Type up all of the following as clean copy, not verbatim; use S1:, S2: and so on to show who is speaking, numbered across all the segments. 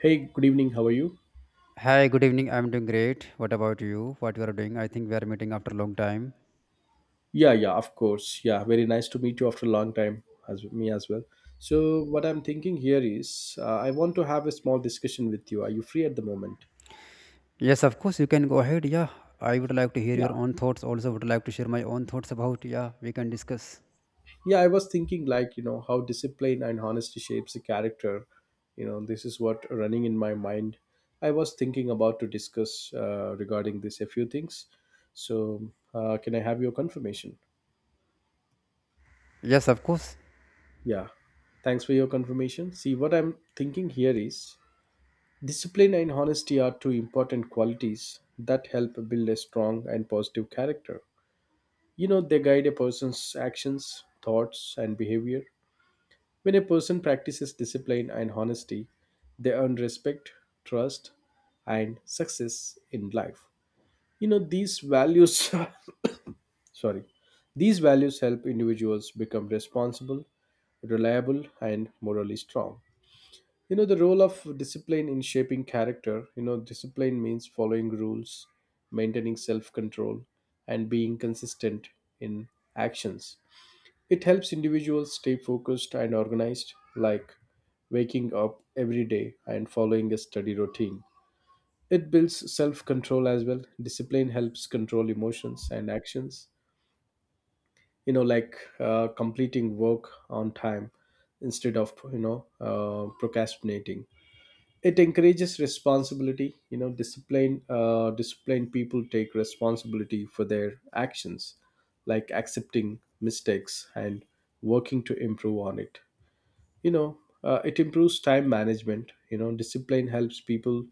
S1: Hey, good evening. How are you?
S2: Hi, good evening. I'm doing great. What about you? What you are doing? I think we are meeting after a long time.
S1: Yeah, yeah, of course. Yeah, very nice to meet you after a long time, as me as well. So, what I'm thinking here is, I want to have a small discussion with you. Are you free at the moment?
S2: Yes, of course, you can go ahead. Yeah, I would like to hear
S1: Yeah,
S2: your own thoughts. Also, would like to share my own thoughts about. Yeah, we can discuss.
S1: yeah. I was thinking, like, how discipline and honesty shapes a character. This is what running in my mind. I was thinking about to discuss regarding this a few things. So, can I have your confirmation?
S2: Yes, of course.
S1: Yeah. Thanks for your confirmation. See, what I'm thinking here is, discipline and honesty are two important qualities that help build a strong and positive character. They guide a person's actions, thoughts, and behavior. When a person practices discipline and honesty, they earn respect, trust, and success in life. These values, sorry, these values help individuals become responsible, reliable, and morally strong. The role of discipline in shaping character. Discipline means following rules, maintaining self control, and being consistent in actions. It helps individuals stay focused and organized, like waking up every day and following a study routine. It builds self control as well. Discipline helps control emotions and actions, like completing work on time instead of, you know procrastinating. It encourages responsibility. Disciplined people take responsibility for their actions, like accepting mistakes and working to improve on it. you know it improves time management. Discipline helps people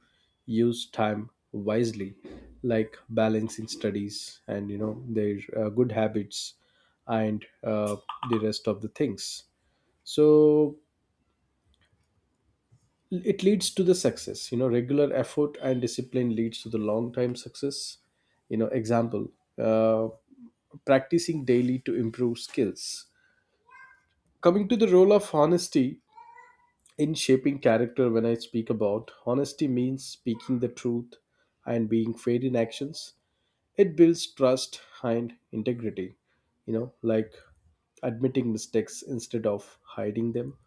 S1: use time wisely, like balancing studies and their good habits and the rest of the things. So it leads to the success. Regular effort and discipline leads to the long time success. Example: uh, practicing daily to improve skills. Coming to the role of honesty in shaping character, when I speak about honesty means speaking the truth and being fair in actions. It builds trust and integrity, like admitting mistakes instead of hiding them.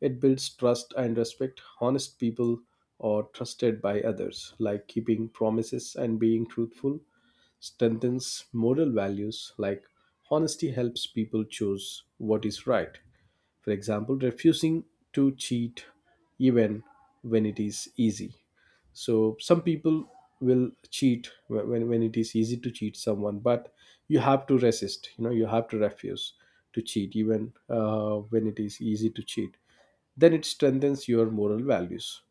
S1: It builds trust and respect. Honest people are trusted by others, like keeping promises and being truthful, strengthens moral values, like honesty helps people choose what is right. For example, refusing to cheat even when it is easy. So, some people will cheat when it is easy to cheat someone, but you have to resist, you have to refuse to cheat even when it is easy to cheat, then it strengthens your moral values.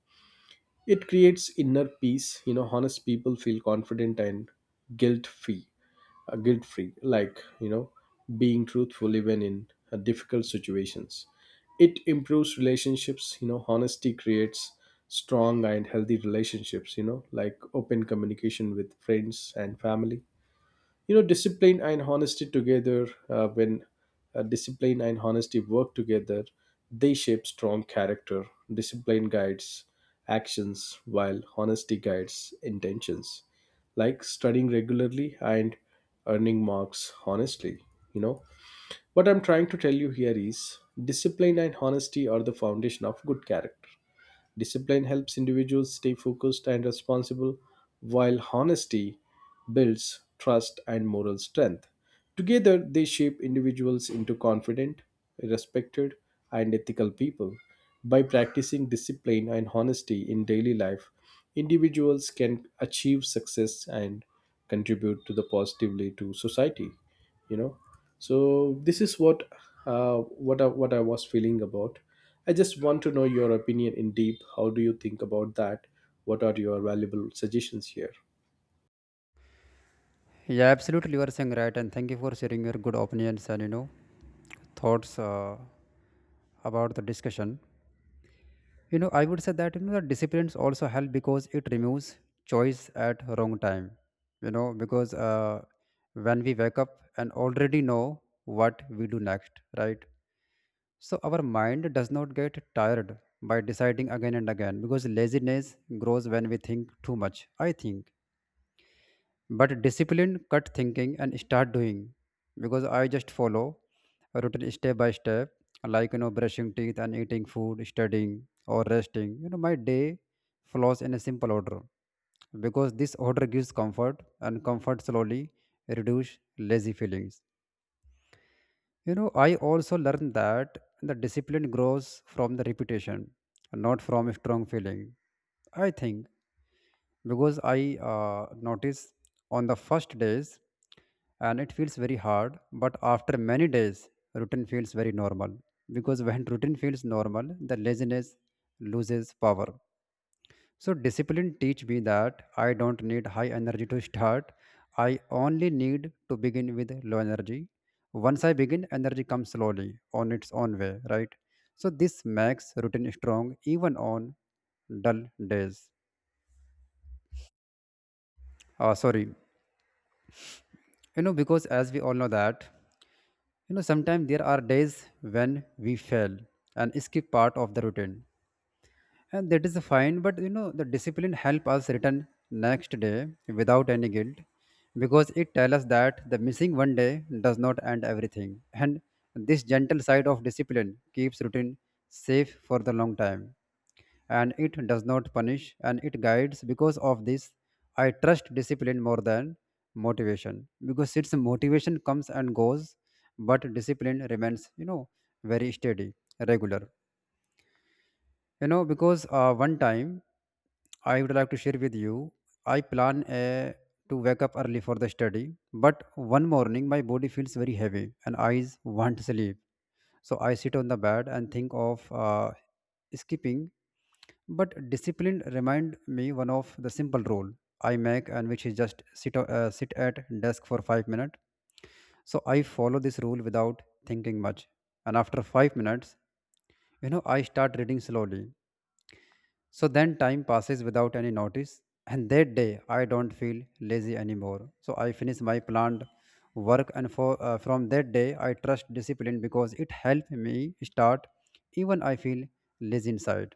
S1: It creates inner peace. Honest people feel confident and guilt free. Guilt free, like being truthful even in difficult situations. It improves relationships. Honesty creates strong and healthy relationships. Like open communication with friends and family. Discipline and honesty together, when discipline and honesty work together, they shape strong character. Discipline guides actions, while honesty guides intentions, like studying regularly and earning marks honestly. you know what I'm trying to tell you here is, discipline and honesty are the foundation of good character. Discipline helps individuals stay focused and responsible, while honesty builds trust and moral strength. Together, they shape individuals into confident, respected, and ethical people. By practicing discipline and honesty in daily life, individuals can achieve success and contribute to the positively to society. You know, so this is what I was feeling about. I just want to know your opinion in deep. How do you think about that? What are your valuable suggestions here?
S2: Yeah, absolutely. You are saying right, and thank you for sharing your good opinions and thoughts about the discussion. I would say that the disciplines also help, because it removes choice at wrong time, because when we wake up and already know what we do next, right? So our mind does not get tired by deciding again and again, because laziness grows when we think too much, I think. But discipline, cut thinking, and start doing. Because I just follow a routine step by step, like brushing teeth and eating food, studying or resting. You know, my day flows in a simple order, because this order gives comfort, and comfort slowly reduce lazy feelings. You know, I also learned that the discipline grows from the repetition, not from a strong feeling. I think, because I notice on the first days and it feels very hard, but after many days, routine feels very normal, because when routine feels normal, the laziness loses power. So discipline teach me that I don't need high energy to start. I only need to begin with low energy. Once I begin, energy comes slowly on its own way, right? So this makes routine strong even on dull days. Uh, sorry, you know, because as we all know that sometimes there are days when we fail and skip part of the routine, and that is fine, but you know the discipline help us return next day without any guilt, because it tells us that the missing one day does not end everything. And this gentle side of discipline keeps routine safe for the long time, and it does not punish and it guides. Because of this, I trust discipline more than motivation, because its motivation comes and goes, but discipline remains, you know, very steady, regular. You know, because one time I would like to share with you, I plan to wake up early for the study, but one morning my body feels very heavy and eyes want sleep. So I sit on the bed and think of skipping, but discipline remind me one of the simple rule I make, and which is just sit at desk for 5 minutes. So I follow this rule without thinking much. And after 5 minutes, you know, I start reading slowly. So then time passes without any notice, and that day I don't feel lazy anymore. So I finish my planned work, and from that day I trust discipline because it helped me start. Even I feel lazy inside,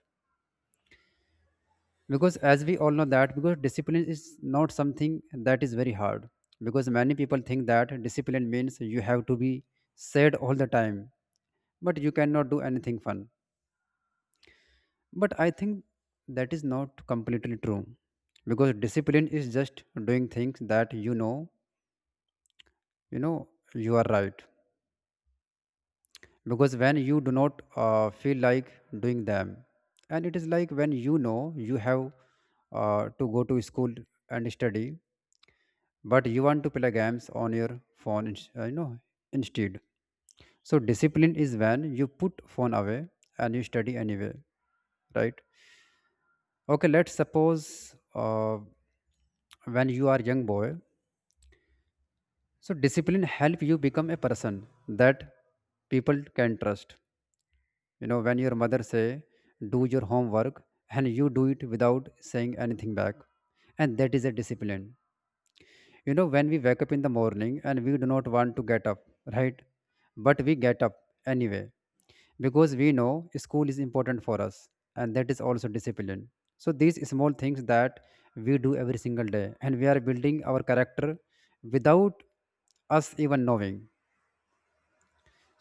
S2: because, as we all know, that because discipline is not something that is very hard. Because many people think that discipline means you have to be sad all the time, but you cannot do anything fun. But I think that is not completely true, because discipline is just doing things that you know, you are right. Because when you do not feel like doing them, and it is like when you know you have to go to school and study, but you want to play games on your phone, instead. So discipline is when you put phone away and you study anyway, right? Okay, let's suppose when you are young boy. So discipline help you become a person that people can trust. You know, when your mother say, do your homework and you do it without saying anything back. And that is a discipline. You know, when we wake up in the morning and we do not want to get up, right? But we get up anyway, because we know school is important for us, and that is also discipline. So these small things that we do every single day, and we are building our character without us even knowing.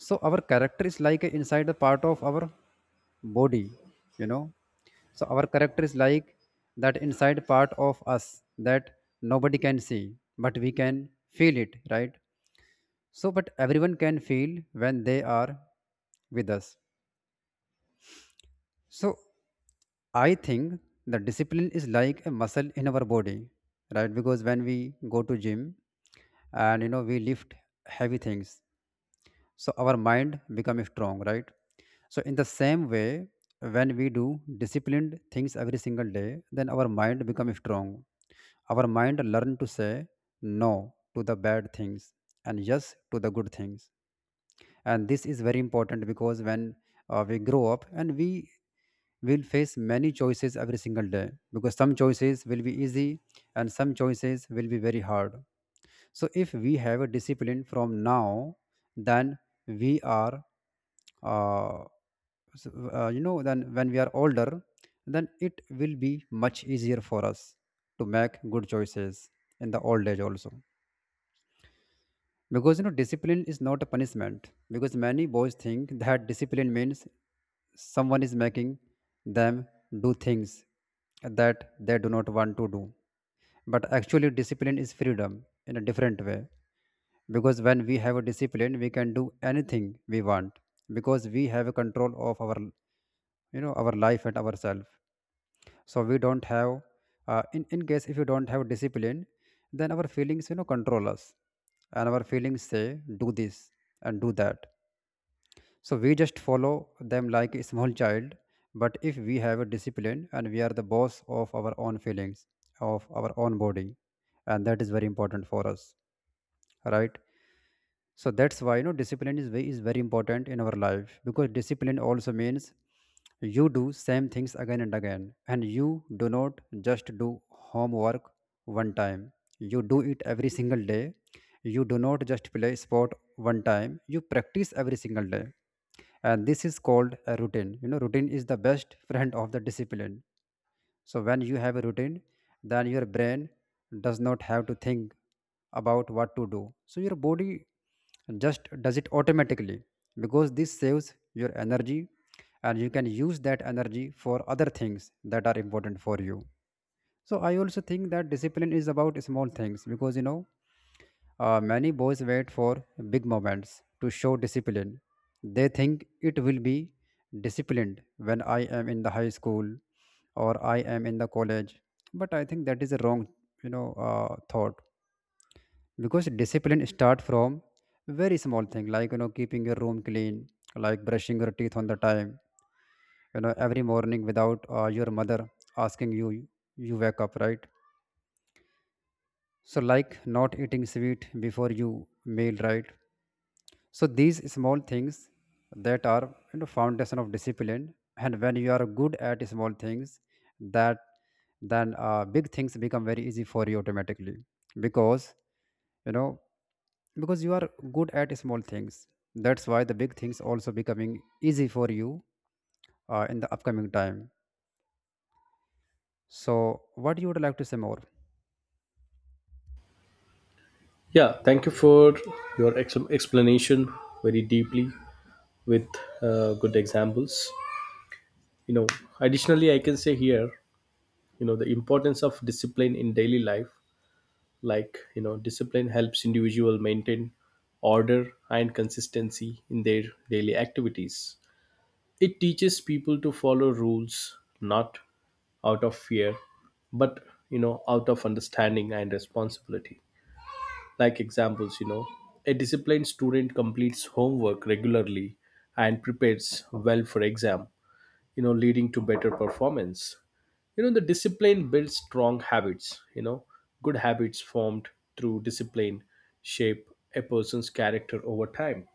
S2: So our character is like a inside the part of our body, you know. So our character is like that inside part of us that nobody can see, but we can feel it, right? So but everyone can feel when they are with us. So I think the discipline is like a muscle in our body, right? Because when we go to gym and you know we lift heavy things, so our mind becomes strong, right? So in the same way, when we do disciplined things every single day, then our mind becomes strong. Our mind learn to say no to the bad things and yes to the good things. And this is very important, because when we grow up and we will face many choices every single day, because some choices will be easy and some choices will be very hard. So if we have a discipline from now, then we are uh, s- you know, then when we are older, then it will be much easier for us to make good choices in the old age also. Because you know discipline is not a punishment, because many boys think that discipline means someone is making them do things that they do not want to do, but actually discipline is freedom in a different way. Because when we have a discipline, we can do anything we want, because we have a control of our, you know, our life and ourselves. So we don't have in case if you don't have discipline, then our feelings you know control us, and our feelings say do this and do that, so we just follow them like a small child. But if we have a discipline, and we are the boss of our own feelings, of our own body, and that is very important for us, right? So that's why you know discipline is very important in our life, because discipline also means you do same things again and again, and you do not just do homework one time, you do it every single day. You do not just play sport one time, you practice every single day. And this is called a routine. You know, routine is the best friend of the discipline. So when you have a routine, then your brain does not have to think about what to do. So your body just does it automatically, because this saves your energy, and you can use that energy for other things that are important for you. So I also think that discipline is about small things, because you know many boys wait for big moments to show discipline. They think it will be disciplined when I am in the high school or I am in the college. But I think that is a wrong, thought, because discipline starts from very small thing, like you know keeping your room clean, like brushing your teeth on the time, you know, every morning without your mother asking you, you wake up, right. So like not eating sweet before you meal, right? So these small things that are, you know, foundation of discipline, and when you are good at small things, that then big things become very easy for you automatically, because you know, because you are good at small things. That's why the big things also becoming easy for you in the upcoming time. So what you would like to say more?
S1: Yeah, thank you for your explanation very deeply with good examples. You know, Additionally, I can say here, the importance of discipline in daily life. Like, discipline helps individual maintain order and consistency in their daily activities. It teaches people to follow rules not out of fear, but, out of understanding and responsibility. Like examples, a disciplined student completes homework regularly and prepares well for exam, leading to better performance. The discipline builds strong habits. Good habits formed through discipline shape a person's character over time.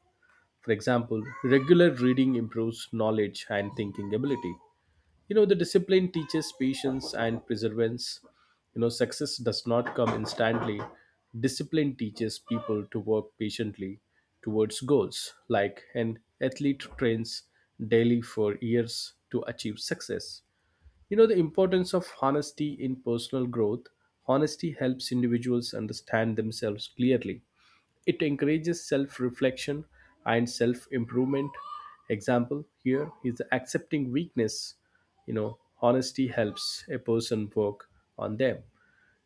S1: For example, regular reading improves knowledge and thinking ability. The discipline teaches patience and perseverance. Success does not come instantly. Discipline teaches people to work patiently towards goals, like an athlete trains daily for years to achieve success. The importance of honesty in personal growth. Honesty helps individuals understand themselves clearly. It encourages self reflection and self improvement. Example here is accepting weakness. Honesty helps a person work on them.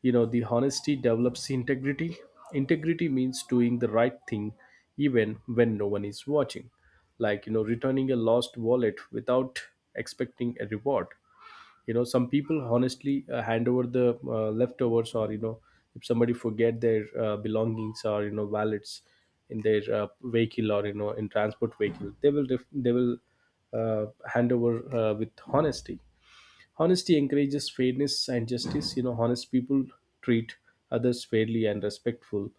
S1: The honesty develops integrity. Integrity means doing the right thing even when no one is watching, like, returning a lost wallet without expecting a reward. Some people honestly hand over the leftovers, or if somebody forget their belongings or wallets in their vehicle or in transport vehicle, they will hand over, with honesty. Honesty encourages fairness and justice. Honest people treat others fairly and respectful,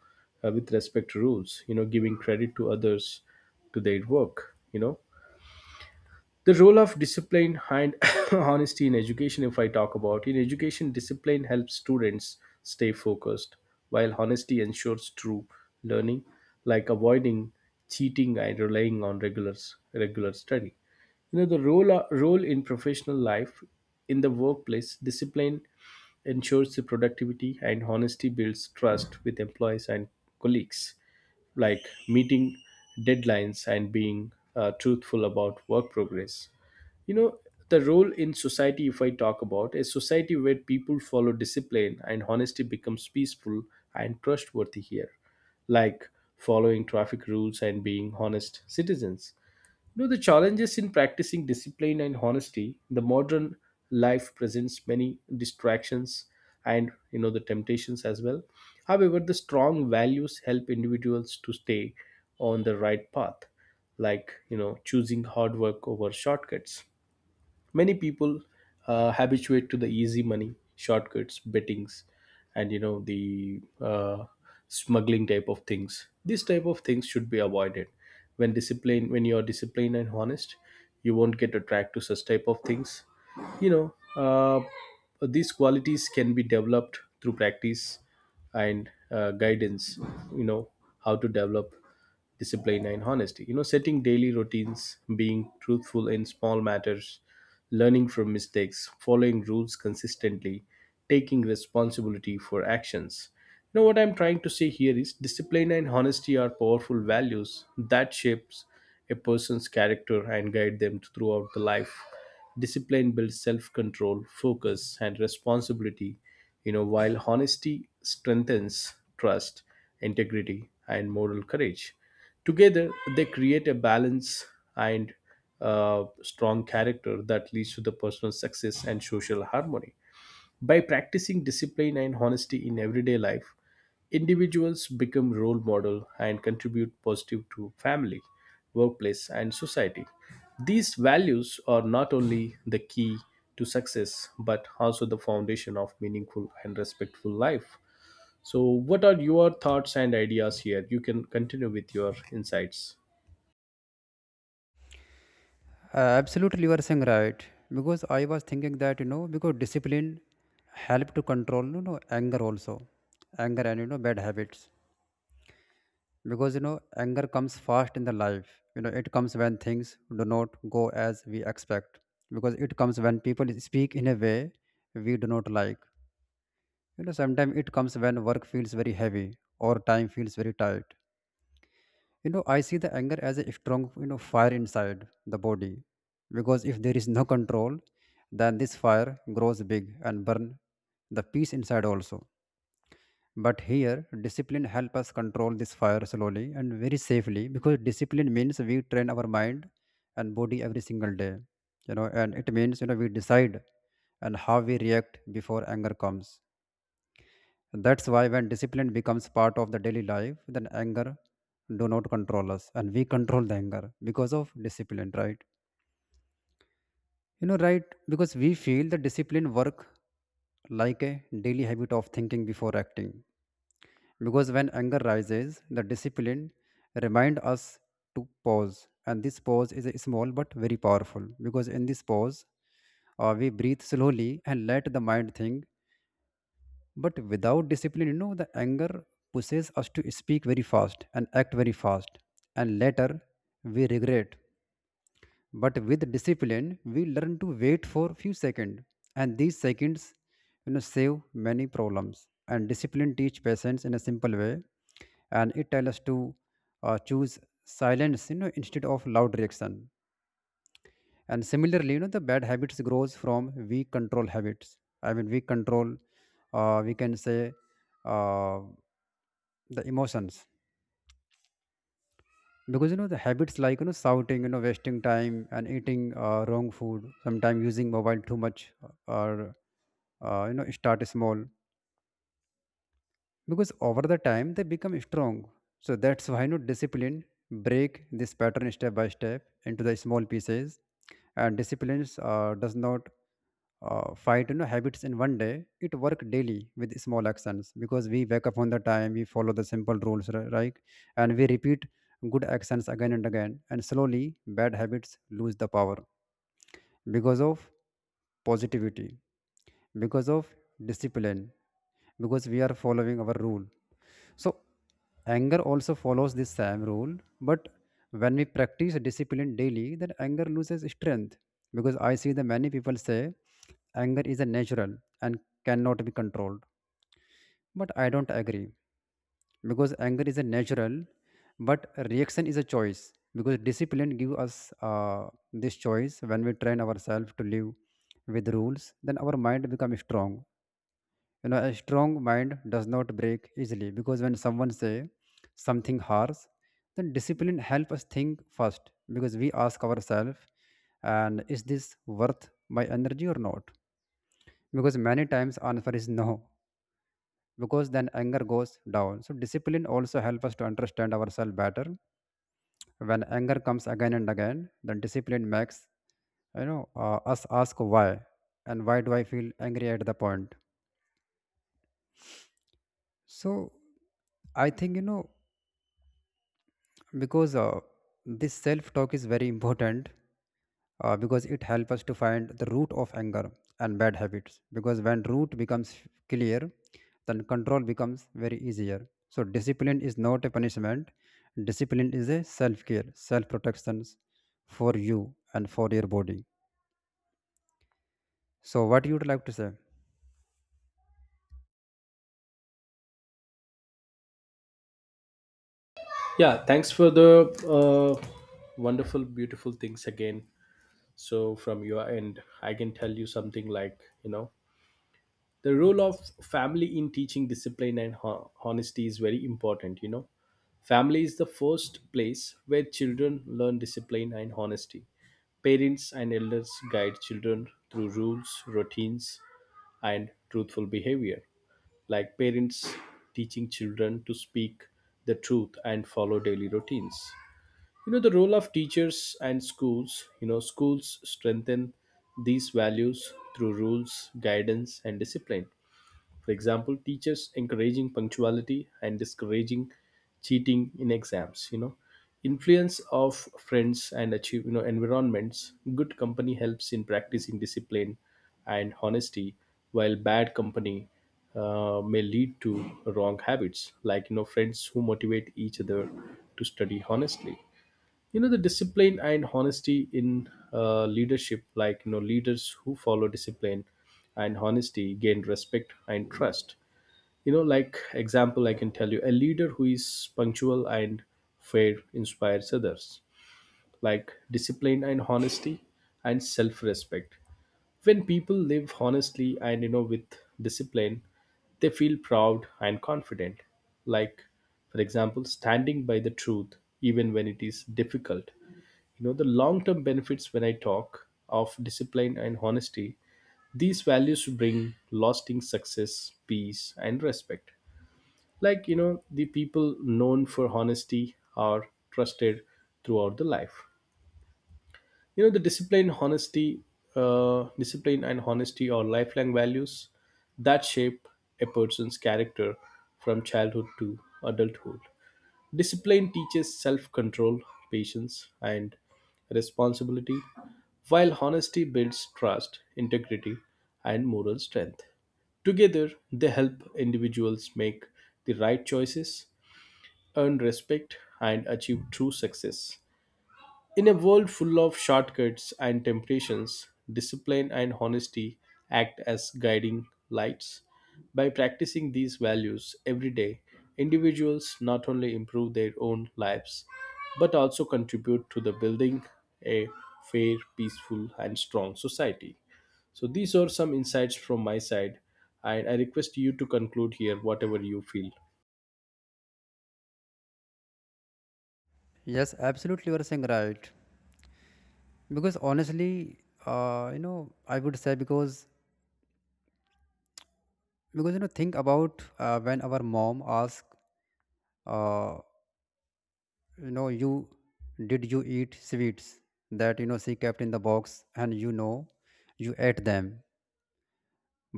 S1: with respect to rules. Giving credit to others to their work. The role of discipline and honesty in education. If I talk about in education, discipline helps students stay focused, while honesty ensures true learning, like avoiding cheating and relying on regular study. The role in professional life. In the workplace, discipline ensures the productivity and honesty builds trust with employees and colleagues, like meeting deadlines and being truthful about work progress. you know the role in society. If I talk about a society where people follow discipline and honesty, becomes peaceful and trustworthy here, like following traffic rules and being honest citizens. Though the challenges in practicing discipline and honesty, the modern life presents many distractions and the temptations as well. However, the strong values help individuals to stay on the right path, like choosing hard work over shortcuts. Many people habituate to the easy money, shortcuts, bettings, and the smuggling type of things. These type of things should be avoided. When you are disciplined and honest, you won't get attracted to such type of things. You know, these qualities can be developed through practice and guidance. You know how to develop discipline and honesty: setting daily routines, being truthful in small matters, learning from mistakes, following rules consistently, taking responsibility for actions. What I'm trying to say here is, discipline and honesty are powerful values that shapes a person's character and guide them throughout the life. Discipline builds self-control, focus, and responsibility. While honesty strengthens trust, integrity, and moral courage. Together, they create a balance and strong character that leads to the personal success and social harmony. By practicing discipline and honesty in everyday life, individuals become role model and contribute positive to family, workplace and society. These values are not only the key to success but also the foundation of meaningful and respectful life. So what are your thoughts and ideas here? You can continue with your insights.
S2: Absolutely, you are saying right. Because I was thinking that you know, because discipline help to control you know anger also, anger and you know bad habits. Because you know anger comes fast in the life. You know it comes when things do not go as we expect. Because it comes when people speak in a way we do not like. You know sometimes it comes when work feels very heavy or time feels very tight. You know, I see the anger as a strong, you know, fire inside the body, because if there is no control, then this fire grows big and burn the peace inside also. But here discipline help us control this fire slowly and very safely, because discipline means we train our mind and body every single day. You know, and it means, you know, we decide and how we react before anger comes. That's why when discipline becomes part of the daily life, then anger do not control us, and we control the anger because of discipline, right? You know, right? Because we feel the discipline work like a daily habit of thinking before acting. Because when anger rises, the discipline remind us to pause. And this pause is a small but very powerful because in this pause, we breathe slowly and let the mind think. But without discipline, you know, the anger pushes us to speak very fast and act very fast, and later we regret. But with discipline, we learn to wait for few seconds, and these seconds, save many problems. And discipline teach patience in a simple way, and it tells us to choose silence, instead of loud reaction. And similarly, the bad habits grows from weak control habits. I mean weak control, we can say, uh, the emotions. Because the habits like, shouting, wasting time and eating wrong food, sometimes using mobile too much or start small because over the time they become strong. So that's why no discipline break this pattern step by step into the small pieces. And disciplines does not fight, habits in one day. It work daily with small actions because we wake up on the time, we follow the simple rules, right. And we repeat good actions again and again, and slowly bad habits lose the power because of positivity, because of discipline, because we are following our rule. So, anger also follows this same rule, but when we practice discipline daily, then anger loses strength. Because I see the many people say anger is a natural and cannot be controlled, but I don't agree because anger is a natural but reaction is a choice. Because discipline give us this choice. When we train ourselves to live with rules, then our mind become strong. You know, a strong mind does not break easily, because when someone say something harsh, then discipline help us think first, because we ask ourselves, and is this worth my energy or not? Because many times answer is no, because then anger goes down. So discipline also helps us to understand ourselves better. When anger comes again and again, then discipline makes, us ask why, and why do I feel angry at the point. So I think, because this self talk is very important, because it helps us to find the root of anger and bad habits. Because when root becomes clear, then control becomes very easier. So discipline is not a punishment. Discipline is a self care, self protections for you and for your body. So what you would like to say?
S1: Yeah, thanks for the wonderful beautiful things again. So, from your end, I can tell you something like, the role of family in teaching discipline and honesty is very important. Family is the first place where children learn discipline and honesty. Parents and elders guide children through rules, routines, and truthful behavior, like parents teaching children to speak the truth and follow daily routines. The role of teachers and schools. Schools strengthen these values through rules, guidance, and discipline. For example, teachers encouraging punctuality and discouraging cheating in exams. Influence of friends and achieve environments. Good company helps in practicing discipline and honesty, while bad company may lead to wrong habits, like friends who motivate each other to study honestly. The discipline and honesty in leadership, like leaders who follow discipline and honesty gain respect and trust. Like example, I can tell you a leader who is punctual and fair inspires others, like discipline and honesty and self-respect. When people live honestly and with discipline, they feel proud and confident, like for example standing by the truth even when it is difficult. The long term benefits when I talk of discipline and honesty, these values bring lasting success, peace, and respect, like the people known for honesty are trusted throughout the life. The discipline honesty Discipline and honesty are lifelong values that shape a person's character from childhood to adulthood. Discipline teaches self-control, patience, and responsibility, while honesty builds trust, integrity, and moral strength. Together, they help individuals make the right choices, earn respect, and achieve true success. In a world full of shortcuts and temptations, discipline and honesty act as guiding lights. By practicing these values every day, individuals not only improve their own lives but also contribute to the building a fair, peaceful, and strong society. So these are some insights from my side, and I request you to conclude here whatever you feel.
S2: Yes, absolutely, you are saying right. Because honestly, I would say, because think about, when our mom asks, uh, you, did you eat sweets that, she kept in the box, and you ate them?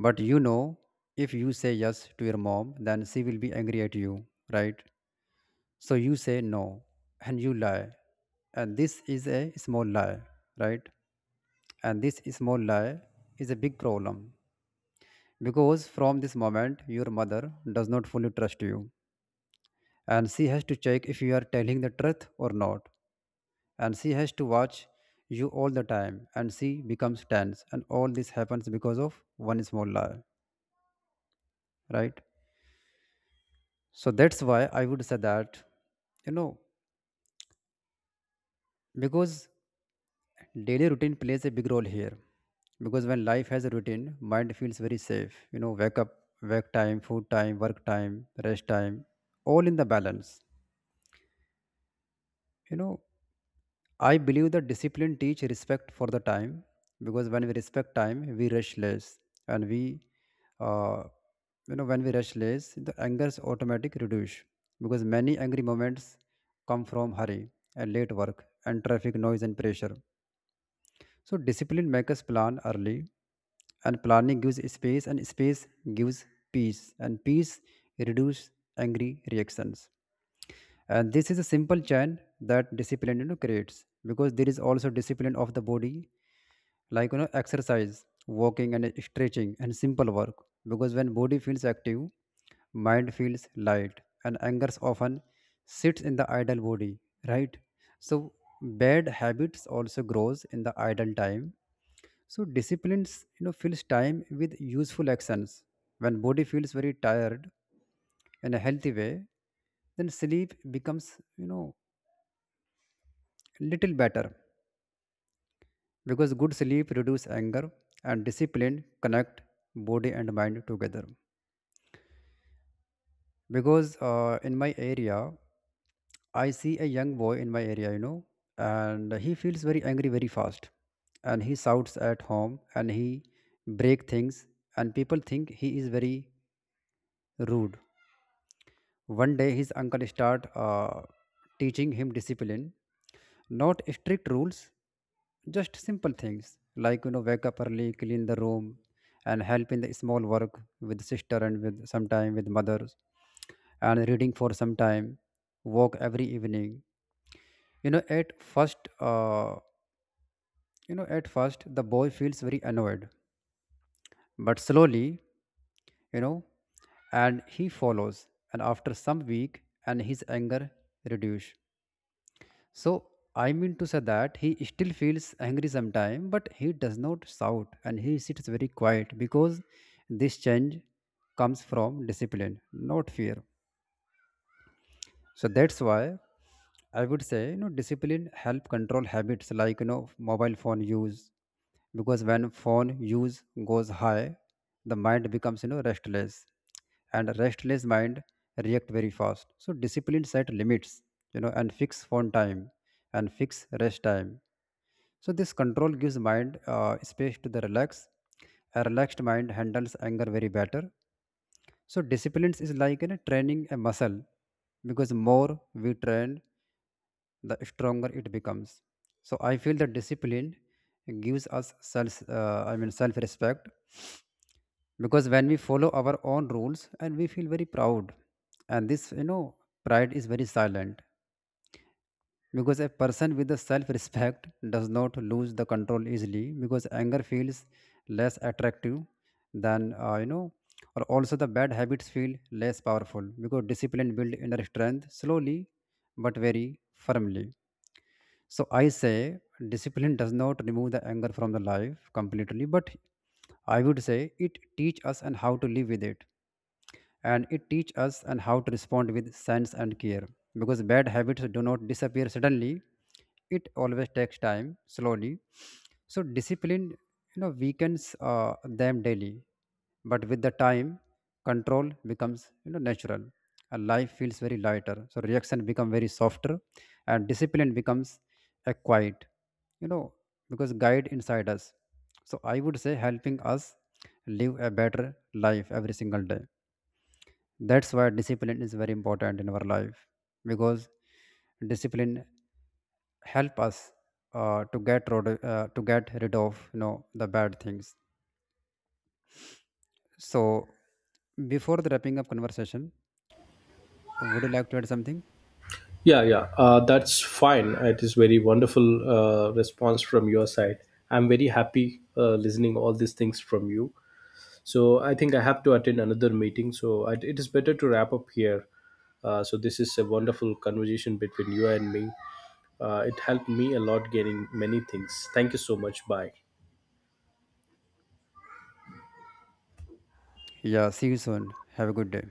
S2: But, if you say yes to your mom, then she will be angry at you, right? So you say no and you lie, and this is a small lie, right? And this small lie is a big problem, because from this moment your mother does not fully trust you, and she has to check if you are telling the truth or not, and she has to watch you all the time, and she becomes tense, and all this happens because of one small lie, right? So that's why I would say that, you know because daily routine plays a big role here. Because when life has a routine, mind feels very safe. You know, wake up, wake time, food time, work time, rest time, all in the balance. You know, I believe that discipline teach respect for the time, because when we respect time, we rush less, and uh, when we rush less, the anger's automatic reduce, because many angry moments come from hurry and late work and traffic noise and pressure. So discipline makes us plan early, and planning gives space, and space gives peace, and peace reduce angry reactions. And this is a simple chain that discipline, creates. Because there is also discipline of the body, like, exercise, walking and stretching and simple work. Because when body feels active, mind feels light, and anger often sits in the idle body, right? So bad habits also grows in the idle time. So disciplines, fills time with useful actions. When body feels very tired in a healthy way, then sleep becomes, little better, because good sleep reduce anger, and discipline connect body and mind together. Because in my area, I see a young boy in my area, and he feels very angry very fast. And he shouts at home, and he break things, and people think he is very rude. One day, his uncle started teaching him discipline, not strict rules, just simple things like, wake up early, clean the room, and help in the small work with sister and with sometime with mothers, and reading for some time, walk every evening. You know, at first, uh, at first the boy feels very annoyed, but slowly, you know, and he follows, and after some week, and his anger reduce. So I mean to say that he still feels angry sometimes, but he does not shout and he sits very quiet, because this change comes from discipline, not fear. So that's why I would say, discipline help control habits like, mobile phone use. Because when phone use goes high, the mind becomes, restless. And restless mind react very fast. So discipline set limits, and fix phone time and fix rest time. So this control gives mind space to the relax. A relaxed mind handles anger very better. So disciplines is like, training a muscle, because more we train, the stronger it becomes. So I feel that discipline gives us self-respect, because when we follow our own rules, and we feel very proud, and this, pride is very silent, because a person with the self-respect does not lose the control easily, because anger feels less attractive than, or also the bad habits feel less powerful, because discipline build inner strength slowly but very firmly. So I say discipline does not remove the anger from the life completely, but I would say it teach us and how to live with it, and it teach us and how to respond with sense and care. Because bad habits do not disappear suddenly, it always takes time slowly. So discipline, weakens them daily, but with the time, control becomes, natural, and life feels very lighter, so reaction become very softer, and discipline becomes a quiet, you know because guide inside us. So I would say, helping us live a better life every single day. That's why discipline is very important in our life, because discipline help us to get rid of, the bad things. So before the wrapping up conversation, would you like to add something?
S1: Yeah, yeah, that's fine. It is very wonderful response from your side. I'm very happy listening all these things from you. So I think I have to attend another meeting. So it is better to wrap up here. So this is a wonderful conversation between you and me. It helped me a lot getting many things. Thank you so much. Bye.
S2: Yeah. See you soon. Have a good day.